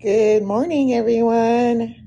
Good morning, everyone.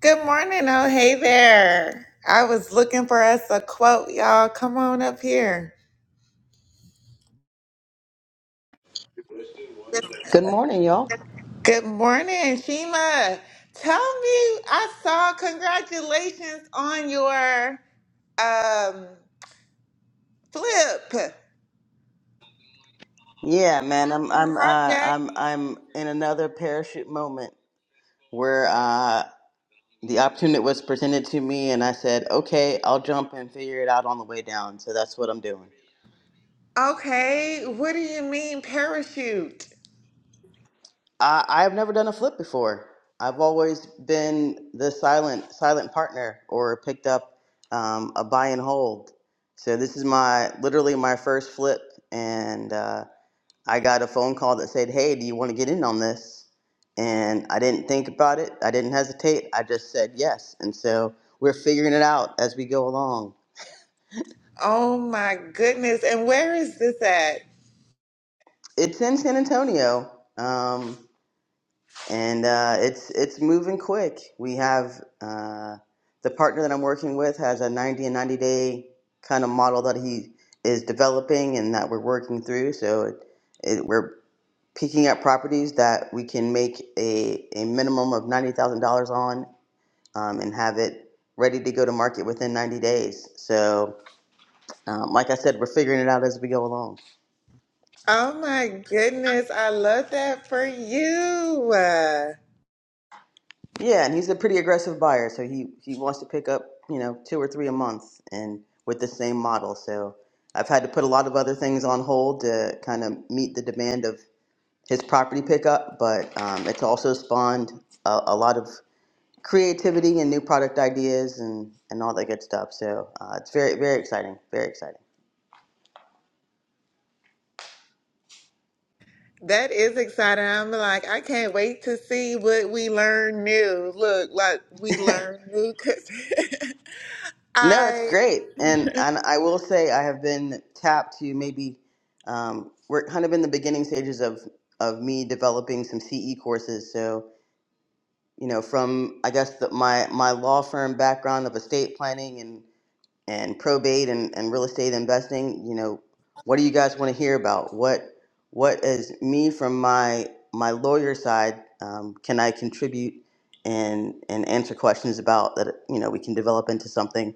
Good morning. Oh, hey there. I was looking for us a quote, y'all. Come on up here. Good morning, y'all. Good morning, Shima. Tell me, I saw congratulations on your um flip Yeah, man, I'm I'm uh, project. I'm I'm in another parachute moment where uh, the opportunity was presented to me, and I said, "Okay, I'll jump and figure it out on the way down." So that's what I'm doing. Okay, what do you mean parachute? I, I've never done a flip before. I've always been the silent silent partner or picked up um, a buy and hold. So this is my literally my first flip, and. Uh, I got a phone call that said, Hey, do you want to get in on this? And I didn't think about it. I didn't hesitate. I just said yes. And so we're figuring it out as we go along. Oh my goodness. And where is this at? It's in San Antonio. Um, and uh, it's it's moving quick. We have uh, the partner that I'm working with has a 90 and 90 day kind of model that he is developing and that we're working through. So it, it, we're picking up properties that we can make a, a minimum of $90,000 on um, and have it ready to go to market within 90 days. So, um, like I said, we're figuring it out as we go along. Oh my goodness. I love that for you. Yeah, and he's a pretty aggressive buyer, so he he wants to pick up you know two or three a month, and with the same model. So, I've had to put a lot of other things on hold to kind of meet the demand of his property pickup, but um, it's also spawned a, a lot of creativity and new product ideas and, and all that good stuff. So uh, it's very, very exciting. Very exciting. That is exciting. I'm like, I can't wait to see what we learn new. Look, like we learn new because No, it's I great, and and I will say I have been tapped to maybe um, we're kind of in the beginning stages of of me developing some CE courses. So you know, from I guess the, my my law firm background of estate planning and and probate and, and real estate investing. You know, what do you guys want to hear about? What what is me from my my lawyer side? Um, can I contribute and and answer questions about that? You know, we can develop into something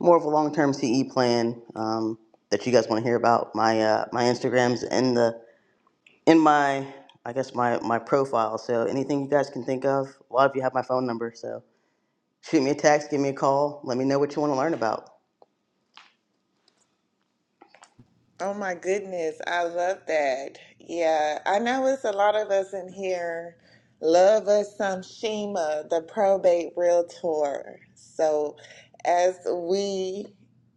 more of a long-term CE plan um, that you guys want to hear about. My uh, my Instagram's in the in my I guess my my profile. So anything you guys can think of, a lot of you have my phone number. So shoot me a text, give me a call, let me know what you want to learn about Oh my goodness, I love that. Yeah, I know it's a lot of us in here love us some Shima, the probate realtor. So as we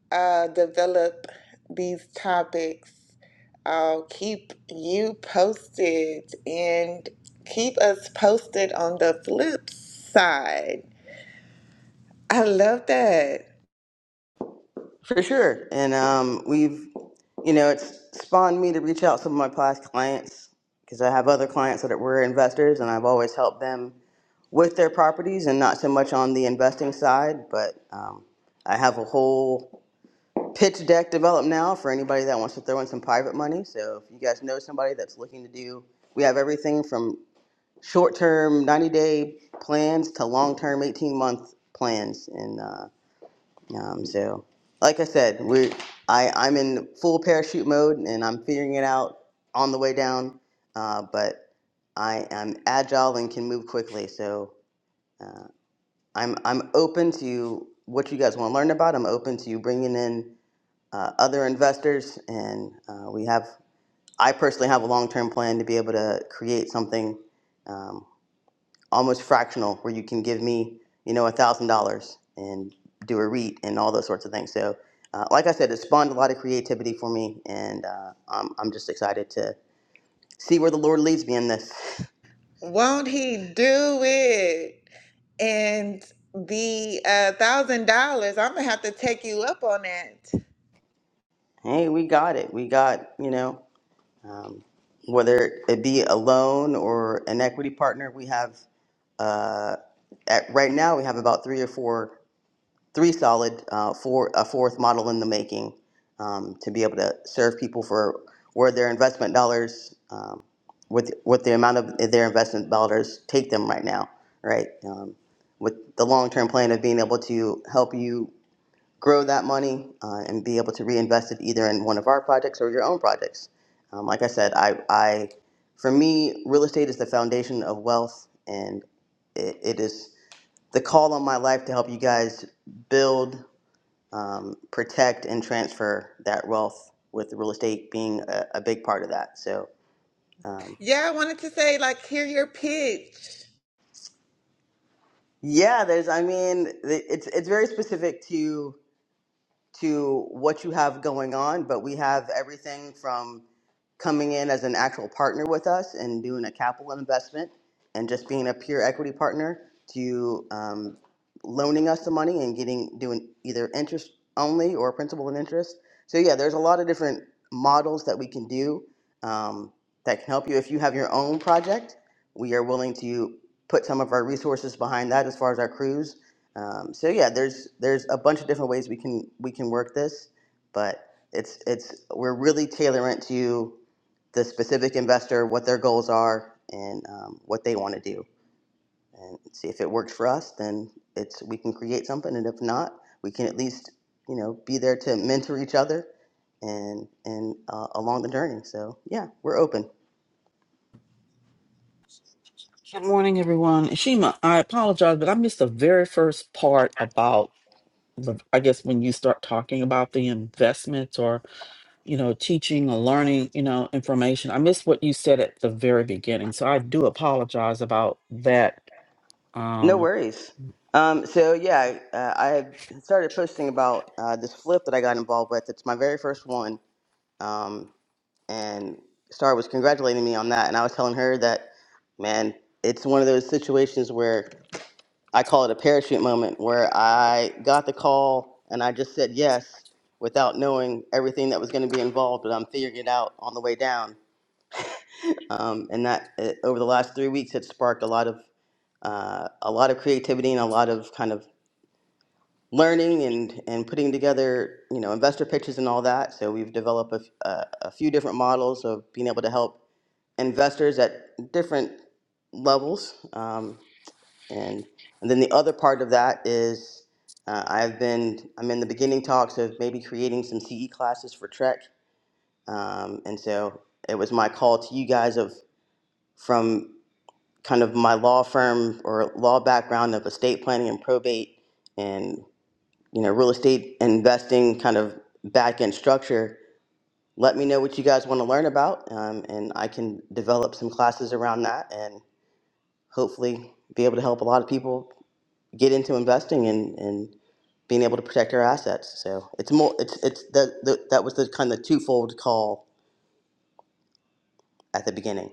uh, develop these topics, I'll keep you posted and keep us posted on the flip side. I love that. for sure. And um, we've you know it's spawned me to reach out to some of my past clients because I have other clients that were investors, and I've always helped them with their properties and not so much on the investing side, but um, I have a whole pitch deck developed now for anybody that wants to throw in some private money. So if you guys know somebody that's looking to do, we have everything from short term 90 day plans to long term 18 month plans. And uh, um, so, like I said, we I, I'm in full parachute mode and I'm figuring it out on the way down. Uh, but I am agile and can move quickly. So uh, I'm I'm open to what you guys want to learn about. I'm open to you bringing in uh, other investors, and uh, we have. I personally have a long-term plan to be able to create something um, almost fractional, where you can give me, you know, a thousand dollars and do a REIT and all those sorts of things. So, uh, like I said, it spawned a lot of creativity for me, and uh, I'm I'm just excited to see where the Lord leads me in this. Won't he do it? And the uh, thousand dollars, I'm gonna have to take you up on that. Hey, we got it. We got you know. Um, whether it be a loan or an equity partner, we have uh, at, right now we have about three or four three solid, uh, four, a fourth model in the making um, to be able to serve people for where their investment dollars, um, with, with the amount of their investment dollars, take them right now, right? Um, with the long term plan of being able to help you grow that money uh, and be able to reinvest it either in one of our projects or your own projects. Um, like I said, I, I, for me, real estate is the foundation of wealth and it, it is the call on my life to help you guys build um, protect and transfer that wealth with real estate being a, a big part of that. So, um, Yeah, I wanted to say, like, hear your pitch. yeah, there's, I mean, it's, it's very specific to to what you have going on, but we have everything from coming in as an actual partner with us and doing a capital investment and just being a pure equity partner to um, loaning us the money and getting doing either interest only or principal and interest. So yeah, there's a lot of different models that we can do um, that can help you. If you have your own project, we are willing to put some of our resources behind that as far as our crews um, so yeah, there's there's a bunch of different ways we can we can work this, but it's it's we're really tailoring it to the specific investor, what their goals are, and um, what they want to do, and see if it works for us. Then it's we can create something, and if not, we can at least you know be there to mentor each other and and uh, along the journey. So yeah, we're open. Good morning, everyone. Shima, I apologize, but I missed the very first part about the, I guess, when you start talking about the investments or, you know, teaching or learning, you know, information. I missed what you said at the very beginning. So I do apologize about that. No Um, worries. Um, so yeah, I, uh, I had started posting about uh, this flip that I got involved with. It's my very first one, um, and Star was congratulating me on that, and I was telling her that, man, it's one of those situations where I call it a parachute moment, where I got the call and I just said yes without knowing everything that was going to be involved, but I'm figuring it out on the way down. Um, and that uh, over the last three weeks, it sparked a lot of uh, a lot of creativity and a lot of kind of learning and, and putting together you know investor pitches and all that so we've developed a, f- a, a few different models of being able to help investors at different levels um, and and then the other part of that is uh, i've been i'm in the beginning talks of maybe creating some ce classes for trek um, and so it was my call to you guys of from kind of my law firm or law background of estate planning and probate and you know, real estate investing kind of back end structure. Let me know what you guys want to learn about, um, and I can develop some classes around that and hopefully be able to help a lot of people get into investing and, and being able to protect their assets. So it's more, it's, it's the, the, that was the kind of twofold call at the beginning.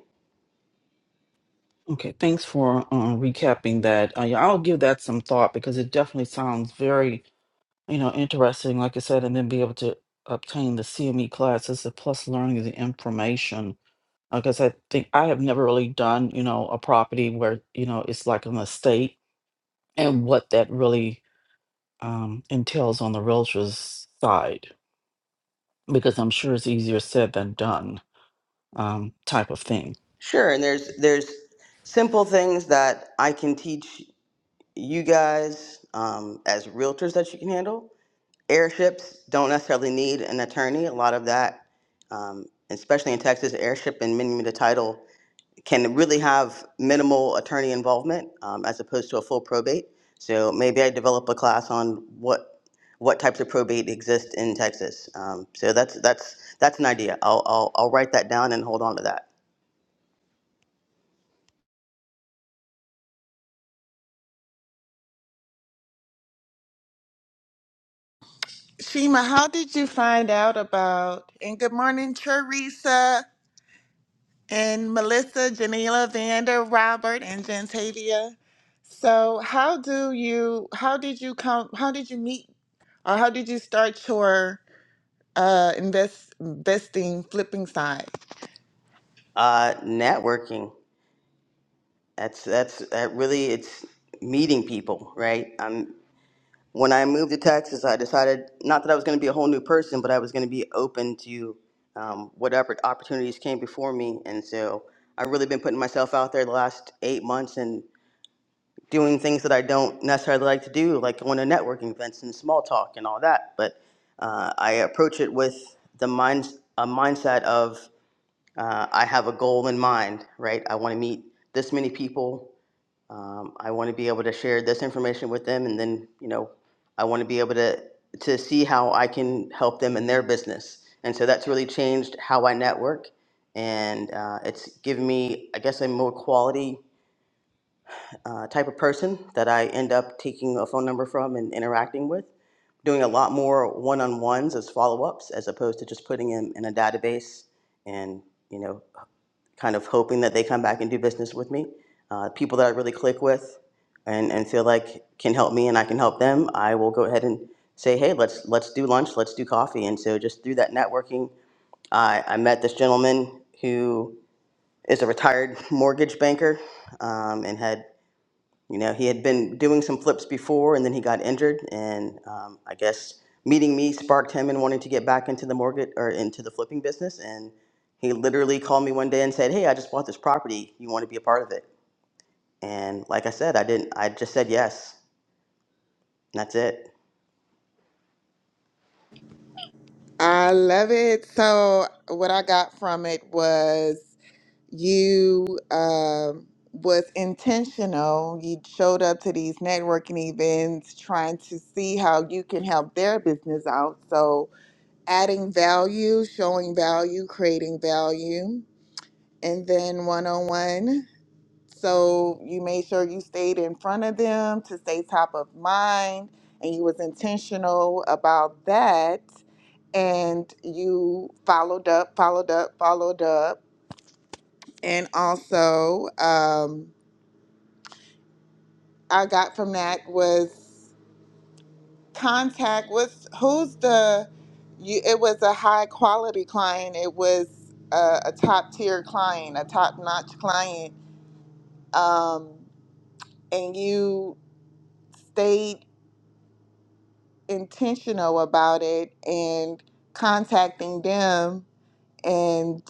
okay, thanks for uh, recapping that. Uh, yeah, I'll give that some thought because it definitely sounds very, you know, interesting, like I said, and then be able to obtain the CME classes, the plus learning the information because I think I have never really done, you know, a property where, you know, it's like an estate and what that really um, entails on the realtor's side, because I'm sure it's easier said than done um, type of thing. Sure, and there's, there's simple things that I can teach you guys um, as realtors that you can handle airships don't necessarily need an attorney. A lot of that, um, especially in Texas, airship and mini mita title can really have minimal attorney involvement um, as opposed to a full probate. So maybe I develop a class on what what types of probate exist in Texas. Um, so that's that's that's an idea. I'll, I'll I'll write that down and hold on to that. Shima, how did you find out about? And good morning, Teresa and Melissa, Janila, Vander, Robert, and Jantavia. So, how do you? How did you come? How did you meet, or how did you start your uh, invest investing flipping side? Uh, networking. That's that's that really it's meeting people, right? Um, when I moved to Texas, I decided not that I was going to be a whole new person, but I was going to be open to um, whatever opportunities came before me. And so I've really been putting myself out there the last eight months and doing things that I don't necessarily like to do, like going to networking events and small talk and all that. But uh, I approach it with the mind, a mindset of uh, I have a goal in mind, right? I want to meet this many people um, I want to be able to share this information with them, and then, you know, I want to be able to, to see how I can help them in their business. And so that's really changed how I network, and uh, it's given me, I guess, a more quality uh, type of person that I end up taking a phone number from and interacting with. Doing a lot more one-on-ones as follow-ups, as opposed to just putting them in a database and, you know, kind of hoping that they come back and do business with me. Uh, people that I really click with and, and feel like can help me and I can help them, I will go ahead and say, hey, let's let's do lunch, let's do coffee. And so just through that networking, I, I met this gentleman who is a retired mortgage banker um, and had you know, he had been doing some flips before and then he got injured. And um, I guess meeting me sparked him and wanting to get back into the mortgage or into the flipping business. And he literally called me one day and said, Hey, I just bought this property. You want to be a part of it? And like I said, I didn't, I just said yes. And that's it. I love it. So what I got from it was you um was intentional. You showed up to these networking events trying to see how you can help their business out. So adding value, showing value, creating value, and then one-on-one. So you made sure you stayed in front of them to stay top of mind and you was intentional about that and you followed up, followed up, followed up. And also um I got from that was contact was who's the you it was a high quality client. It was a, a top tier client, a top notch client. Um and you stayed intentional about it and contacting them and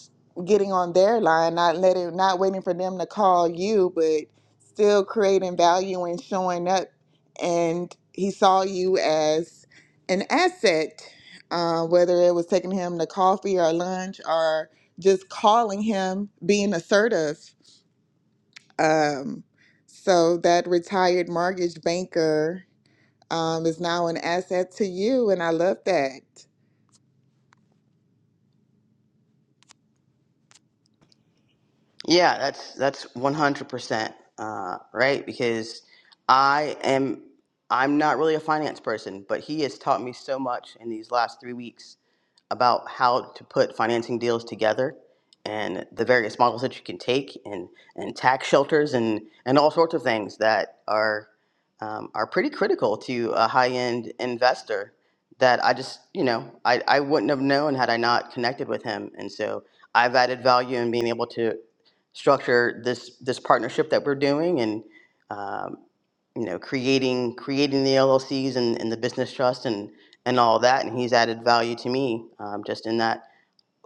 getting on their line, not letting, not waiting for them to call you, but still creating value and showing up. And he saw you as an asset, uh, whether it was taking him to coffee or lunch or just calling him, being assertive. Um, so that retired mortgage banker um, is now an asset to you. And I love that. Yeah, that's, that's 100%. Uh, right. Because I am, I'm not really a finance person, but he has taught me so much in these last three weeks about how to put financing deals together and the various models that you can take and, and tax shelters and, and all sorts of things that are, um, are pretty critical to a high-end investor that I just, you know, I, I wouldn't have known had I not connected with him. And so I've added value in being able to structure this, this partnership that we're doing and, um, you know, creating creating the LLCs and, and the business trust and and all that. And he's added value to me um, just in that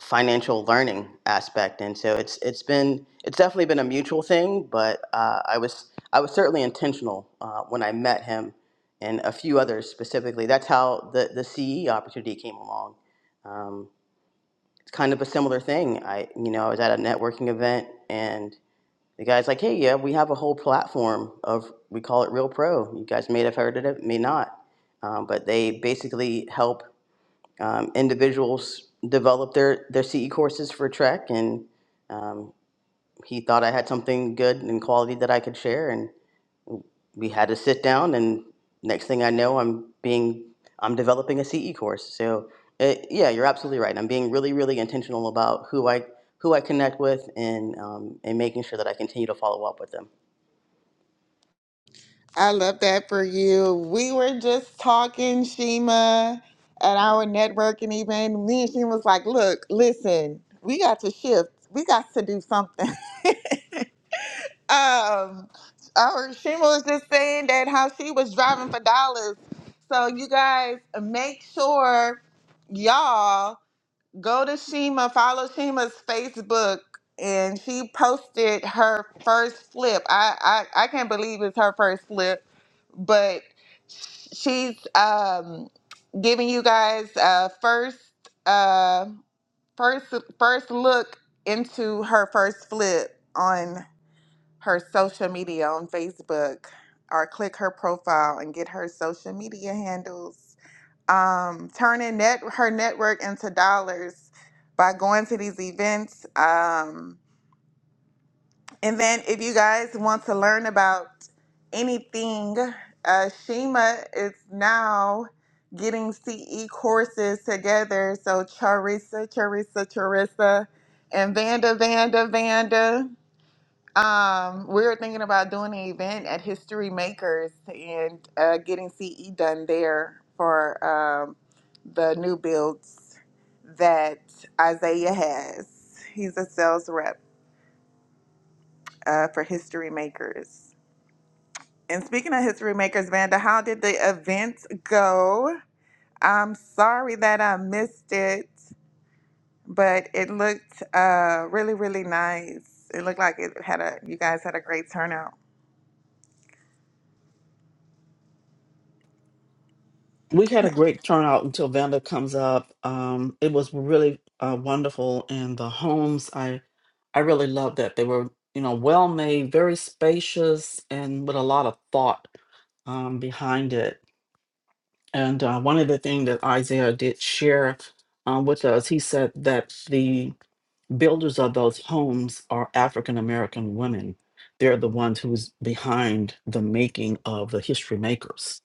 financial learning aspect. And so it's it's been it's definitely been a mutual thing. But uh, I was I was certainly intentional uh, when I met him and a few others specifically. That's how the the CE opportunity came along. Um, it's kind of a similar thing. I you know I was at a networking event and the guy's like, hey, yeah, we have a whole platform of, we call it Real Pro. You guys may have heard of it, may not. Um, but they basically help um, individuals develop their, their CE courses for Trek. And um, he thought I had something good and quality that I could share. And we had to sit down. And next thing I know, I'm being, I'm developing a CE course. So it, yeah, you're absolutely right. I'm being really, really intentional about who I, who I connect with and, um, and making sure that I continue to follow up with them. I love that for you. We were just talking, Shima, at our networking event. Me and Shima was like, look, listen, we got to shift. We got to do something. um, our Shima was just saying that how she was driving for dollars. So you guys make sure y'all Go to Shima, follow Shima's Facebook, and she posted her first flip. I, I, I can't believe it's her first flip, but she's um, giving you guys a first uh, first first look into her first flip on her social media on Facebook or click her profile and get her social media handles um, turning net her network into dollars by going to these events. Um, and then, if you guys want to learn about anything, uh, Shima is now getting CE courses together. So Charissa, Charissa, Charissa, and Vanda, Vanda, Vanda. Um, we were thinking about doing an event at History Makers and uh, getting CE done there for um, the new builds that Isaiah has. He's a sales rep uh, for History Makers. And speaking of History Makers, Vanda, how did the event go? I'm sorry that I missed it, but it looked uh, really, really nice. It looked like it had a you guys had a great turnout. we had a great turnout until Vanda comes up. Um, it was really uh, wonderful, and the homes I I really loved that they were you know well made, very spacious, and with a lot of thought um, behind it. And uh, one of the things that Isaiah did share uh, with us, he said that the builders of those homes are African American women. They're the ones who's behind the making of the history makers.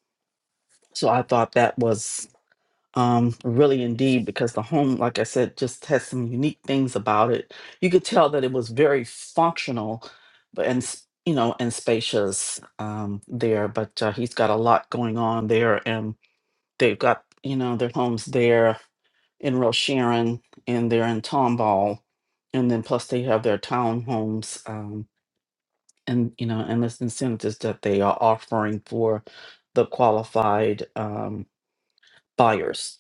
So I thought that was um really indeed because the home like i said just has some unique things about it you could tell that it was very functional but and s- you know and spacious um there but uh, he's got a lot going on there and they've got you know their homes there in Sharon and they're in tomball and then plus they have their townhomes um and you know and this incentives that they are offering for the qualified um buyers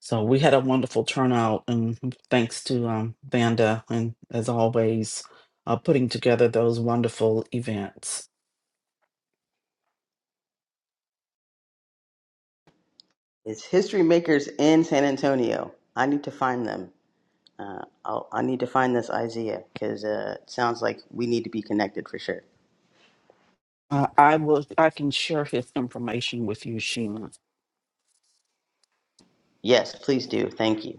So we had a wonderful turnout, and thanks to um, Vanda, and as always, uh, putting together those wonderful events. It's History Makers in San Antonio. I need to find them. Uh, I'll, I need to find this Isaiah because uh, it sounds like we need to be connected for sure. Uh, I will. I can share his information with you, Sheena. Yes, please do. Thank you.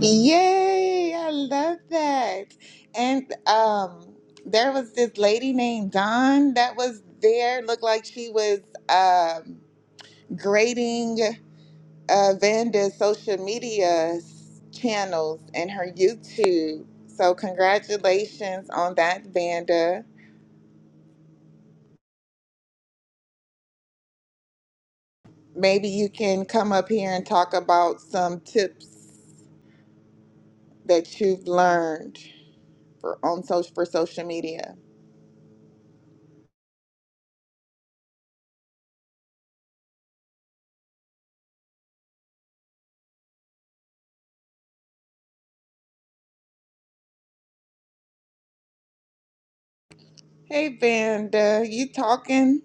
Yay, I love that. And um there was this lady named Dawn that was there, looked like she was um grading uh Vanda's social media s- channels and her YouTube. So congratulations on that, Vanda. Maybe you can come up here and talk about some tips that you've learned for on social for social media. Hey Vanda, you talking?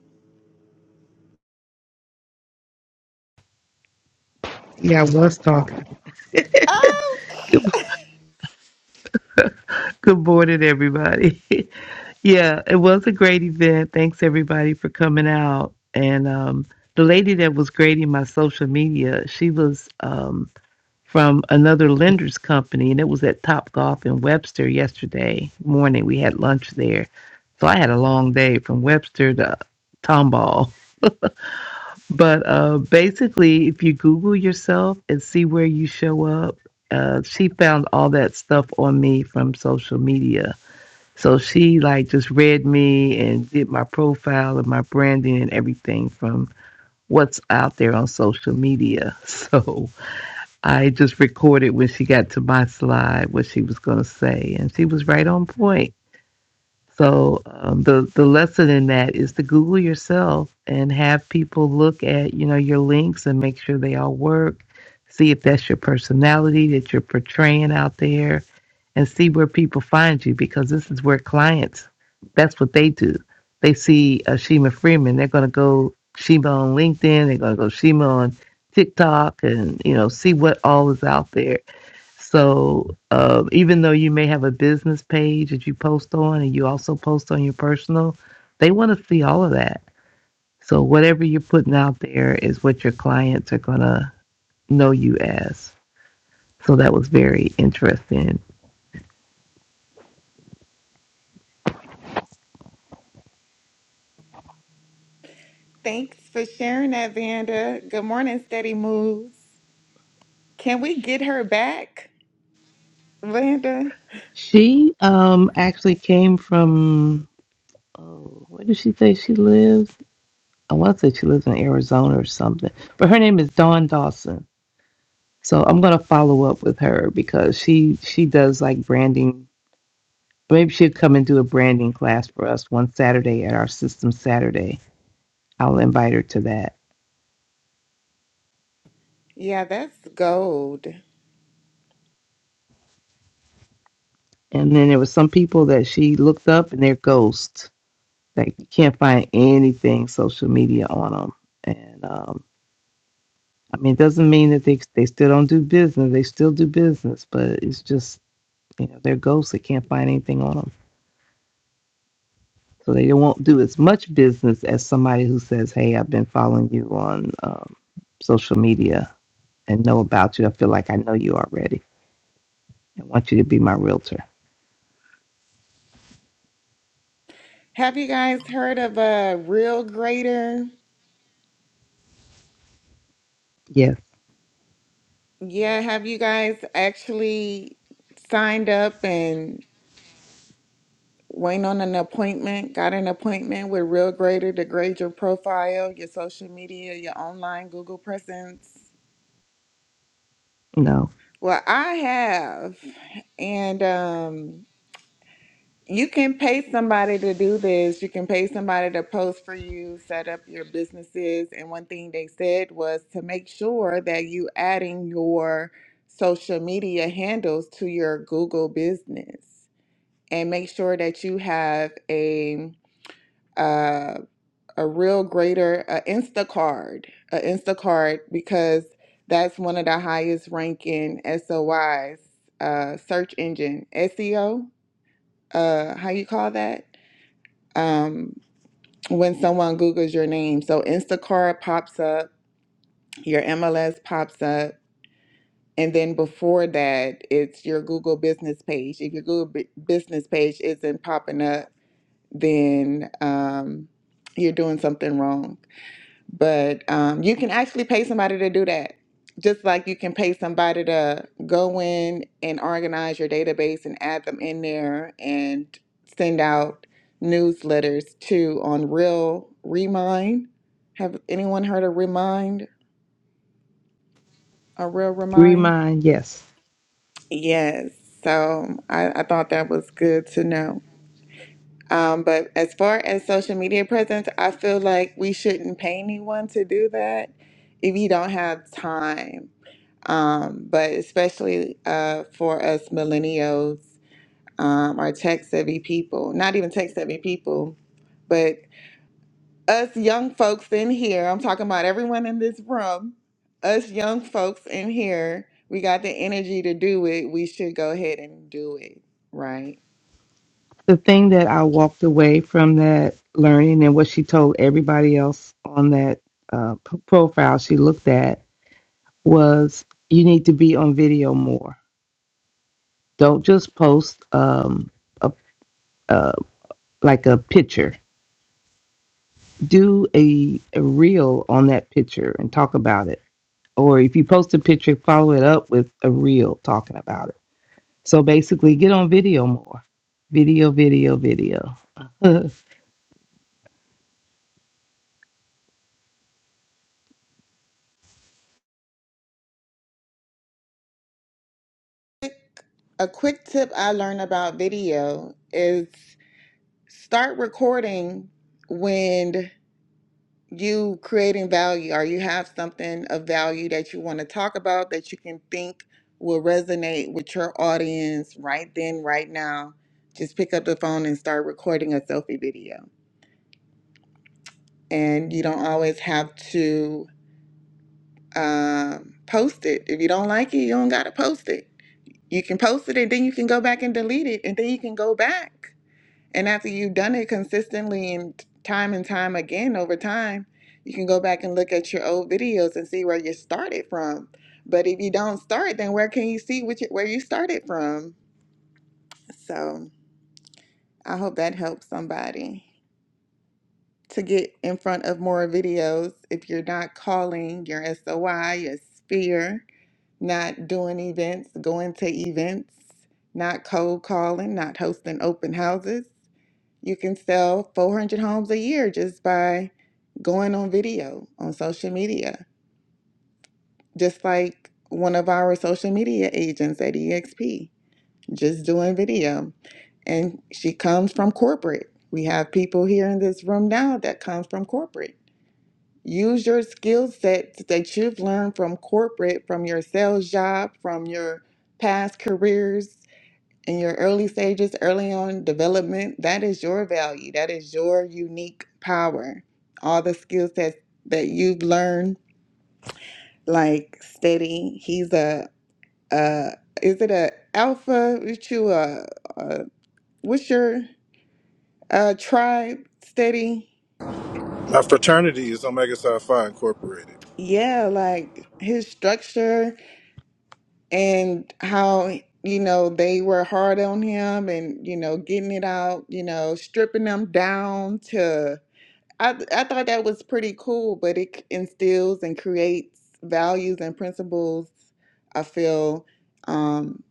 Yeah, I was talking. Oh, Good morning, everybody. yeah, it was a great event. Thanks everybody for coming out. And um, the lady that was grading my social media, she was um, from another lender's company, and it was at Top Golf in Webster yesterday morning. We had lunch there, so I had a long day from Webster to Tomball. But uh, basically, if you Google yourself and see where you show up, uh, she found all that stuff on me from social media. So she like just read me and did my profile and my branding and everything from what's out there on social media. So I just recorded when she got to my slide what she was going to say, and she was right on point. So um, the the lesson in that is to Google yourself and have people look at you know your links and make sure they all work. See if that's your personality that you're portraying out there, and see where people find you because this is where clients. That's what they do. They see uh, Shima Freeman, they're going to go Shima on LinkedIn. They're going to go Shima on TikTok, and you know see what all is out there so uh, even though you may have a business page that you post on and you also post on your personal, they want to see all of that. So whatever you're putting out there is what your clients are going to know you as. So that was very interesting. thanks for sharing that, Vanda. Good morning, Steady Moves. Can we get her back, Vanda? She um, actually came from, oh, where did she say she lives? Oh, I want to say she lives in Arizona or something, but her name is Dawn Dawson. So I'm going to follow up with her because she she does like branding Maybe she would come and do a branding class for us one Saturday at our system Saturday. I'll invite her to that. Yeah, that's gold. And then there were some people that she looked up and they're ghosts. Like you can't find anything social media on them. And um, I mean, it doesn't mean that they they still don't do business. They still do business, but it's just you know they're ghosts. They can't find anything on them, so they won't do as much business as somebody who says, "Hey, I've been following you on um, social media and know about you. I feel like I know you already." I want you to be my realtor. Have you guys heard of a real grader? Yes, Yeah, have you guys actually signed up and went on an appointment, got an appointment with Real Grader to grade your profile, your social media, your online Google presence? no. Well, I have. And um You can pay somebody to do this. You can pay somebody to post for you, set up your businesses. And one thing they said was to make sure that you adding your social media handles to your Google business and make sure that you have a uh, a real greater a Instacart, a Instacart because that's one of the highest ranking S O SOIs, uh, search engine SEO. Uh, how you call that? um, when someone Googles your name. So Instacart pops up, your MLS pops up, and then before that, it's your Google business page. If your Google bu- business page isn't popping up, then um, you're doing something wrong. But um, you can actually pay somebody to do that. Just like you can pay somebody to go in and organize your database and add them in there and send out newsletters to on Real Remind. Have anyone heard of Remind or Real Remind? Remind, yes. Yes. So um, I, I thought that was good to know. Um, but as far as social media presence, I feel like we shouldn't pay anyone to do that if you don't have time. um, but especially uh, for us millennials, um, our tech savvy people, not even tech savvy people, but us young folks in here, I'm talking about everyone in this room, us young folks in here, we got the energy to do it. We should go ahead and do it, right? The thing that I walked away from that learning and what she told everybody else on that uh, p- profile she looked at was you need to be on video more. Don't just post um, a, uh, like a picture. Do a, a reel on that picture and talk about it. Or if you post a picture, follow it up with a reel talking about it So basically, get on video more. Video, video, video. A quick tip I learned about video is start recording when. you creating value or you have something of value that you want to talk about that you can think will resonate with your audience right then, right now, just pick up the phone and start recording a selfie video. And you don't always have to um, post it. If you don't like it, you don't got to post it. You can post it and then you can go back and delete it. And then you can go back And after you've done it consistently and time and time again over time, you can go back and look at your old videos and see where you started from. But if you don't start, then where can you see which, where you started from? So I hope that helps somebody to get in front of more videos if you're not calling your SOI, your sphere, not doing events, going to events, not cold calling, not hosting open houses You can sell 400 homes a year just by going on video on social media, just like one of our social media agents at EXP, just doing video. And she comes from corporate. We have people here in this room now that comes from corporate. Use your skill sets that you've learned from corporate, from your sales job, from your past careers, in your early stages, early on development, that is your value. That is your unique power. All the skill sets that you've learned, like Steady, he's a, a is it a alpha? What you a, a what's your uh tribe? Steady, My fraternity is Omega Psi Phi Incorporated. yeah, like his structure and how you know they were hard on him and you know getting it out you know stripping him down to I I thought that was pretty cool, but it c- instills and creates values and principles. I feel um,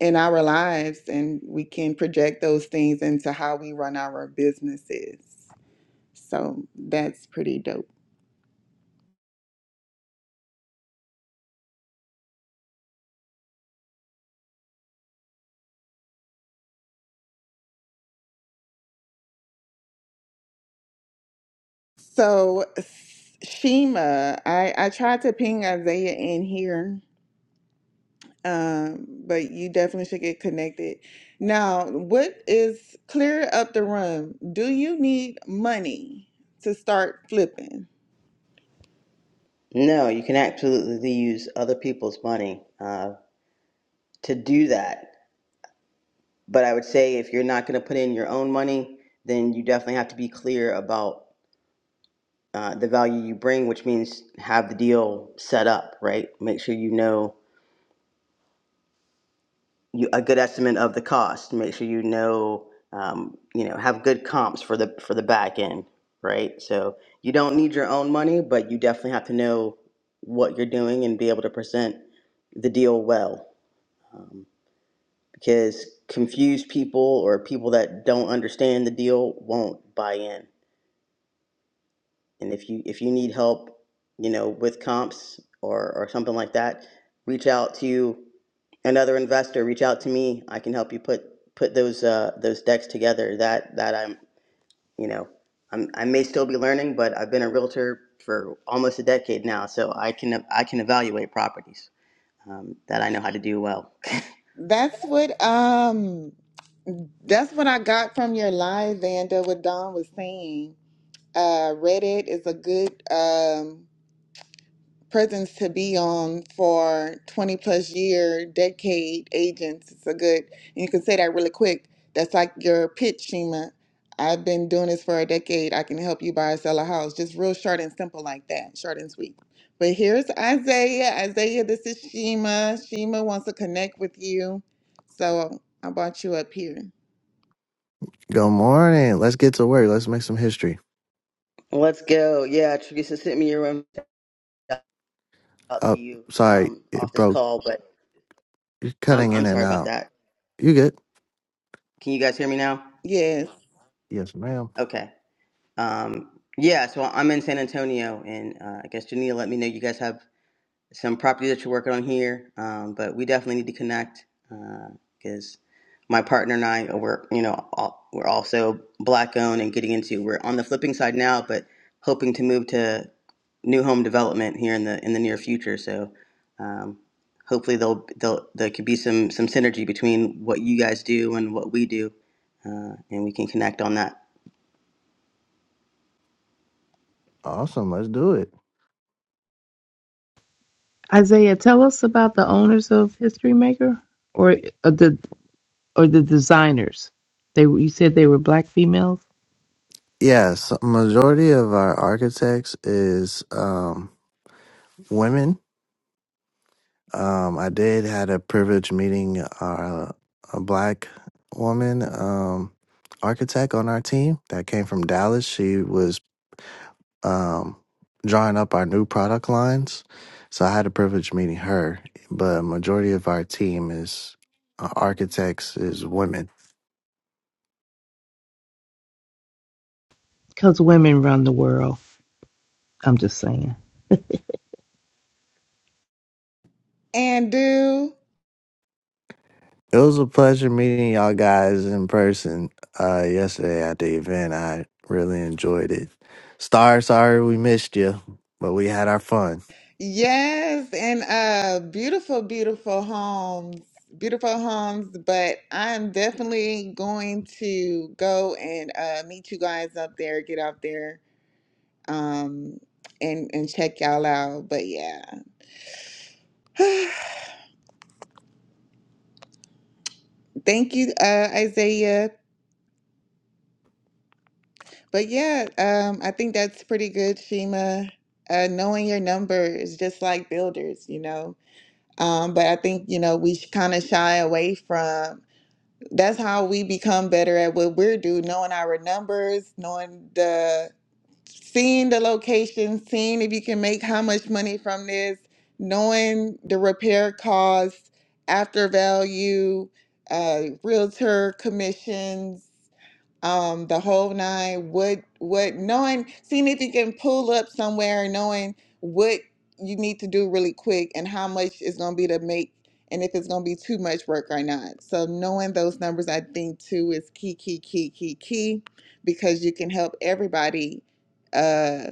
in our lives, and we can project those things into how we run our businesses. So that's pretty dope. So S- Shima, I I tried to ping Isaiah in here Um, but you definitely should get connected. Now, what is clear up the room? Do you need money to start flipping? No, you can absolutely use other people's money uh, to do that. But I would say if you're not going to put in your own money, then you definitely have to be clear about uh, the value you bring, which means have the deal set up, right? Make sure you know you, a good estimate of the cost. Make sure you know, um, you know, have good comps for the for the back end, right? So you don't need your own money, but you definitely have to know what you're doing and be able to present the deal well, um, because confused people or people that don't understand the deal won't buy in. And if you if you need help, you know, with comps or or something like that, reach out to another investor, reach out to me. I can help you put put those uh, those decks together. That that I'm you know I'm I may still be learning, but I've been a realtor for almost a decade now, so I can I can evaluate properties um, that I know how to do well. That's what um that's what I got from your live, Vanda, what Don was saying. Uh Reddit is a good um presence to be on for 20 plus year decade agents it's a good and you can say that really quick that's like your pitch shima i've been doing this for a decade i can help you buy or sell a house just real short and simple like that short and sweet but here's isaiah isaiah this is shima shima wants to connect with you so i brought you up here Good morning. Let's get to work. Let's make some history. Let's go. Yeah, Teresa sent me your room. Shout out to Oh, you sorry, um, off it this broke. call, but You're I'm cutting I'm in and sorry about out. that. You good? Can you guys hear me now? yes Yes, ma'am. Okay. Um, yeah, so I'm in San Antonio, and uh, I guess Janina let me know you guys have some property that you're working on here. Um, but we definitely need to connect because uh, my partner and I work, you know, all, we're also black owned and getting into. We're on the flipping side now, but hoping to move to new home development here in the in the near future. So um, hopefully there'll, there'll there could be some some synergy between what you guys do and what we do, uh, and we can connect on that. Awesome. Let's do it. Isaiah, tell us about the owners of History Maker or, or the or the designers. They you said they were black females Yes, majority of our architects is um, women. Um, I did had a privilege meeting uh, a black woman um, architect on our team that came from Dallas. She was um, drawing up our new product lines. So I had the privilege of meeting her, but a majority of our team is uh, architects is women. because women run the world. I'm just saying. and do It was a pleasure meeting y'all guys in person uh, yesterday at the event. I really enjoyed it. Star, sorry we missed you, but we had our fun. Yes, and uh beautiful, beautiful homes. Beautiful homes, but I'm definitely going to go and uh meet you guys up there, get out there, um and and check y'all out. But yeah. Thank you, uh Isaiah. But yeah, um I think that's pretty good, Shima. Uh knowing your number is just like builders, you know. Um, but I think, you know, we kind of shy away from that's how we become better at what we're do knowing our numbers knowing the seeing the location seeing if you can make how much money from this knowing the repair costs after value uh, realtor commissions um, the whole nine, what what knowing seeing if you can pull up somewhere, knowing what you need to do really quick and how much is gonna be to make and if it's gonna be too much work or not. So knowing those numbers I think too is key, key, key, key, key, because you can help everybody uh,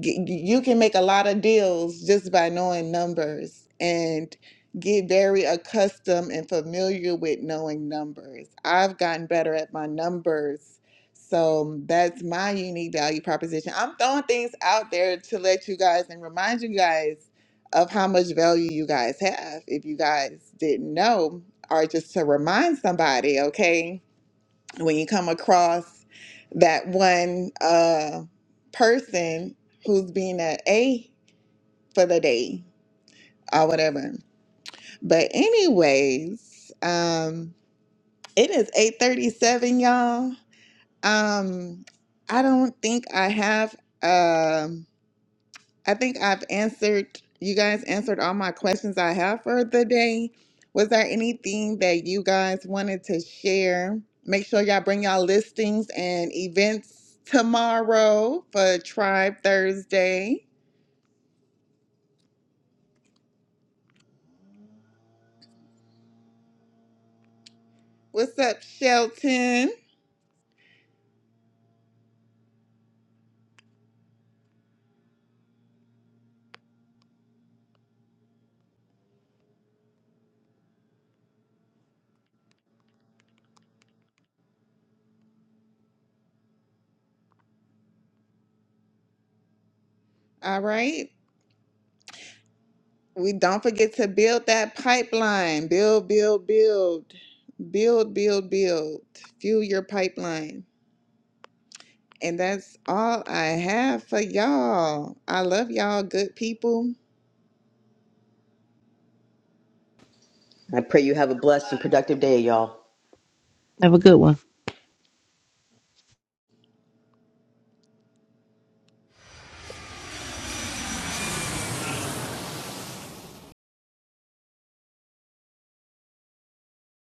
g- you can make a lot of deals just by knowing numbers and get very accustomed and familiar with knowing numbers. I've gotten better at my numbers. So that's my unique value proposition. I'm throwing things out there to let you guys and remind you guys of how much value you guys have if you guys didn't know, or just to remind somebody, okay? when you come across that one uh, person who's being an A for the day or whatever. But anyways, um, it is 8:37, y'all. Um, I don't think I have. Um, I think I've answered, you guys answered all my questions I have for the day. Was there anything that you guys wanted to share? Make sure y'all bring y'all listings and events tomorrow for Tribe Thursday. What's up, Shelton? All right. We don't forget to build that pipeline. Build, build, build. Build, build, build. Fuel your pipeline. And that's all I have for y'all. I love y'all, good people. I pray you have a blessed and productive day, y'all. Have a good one.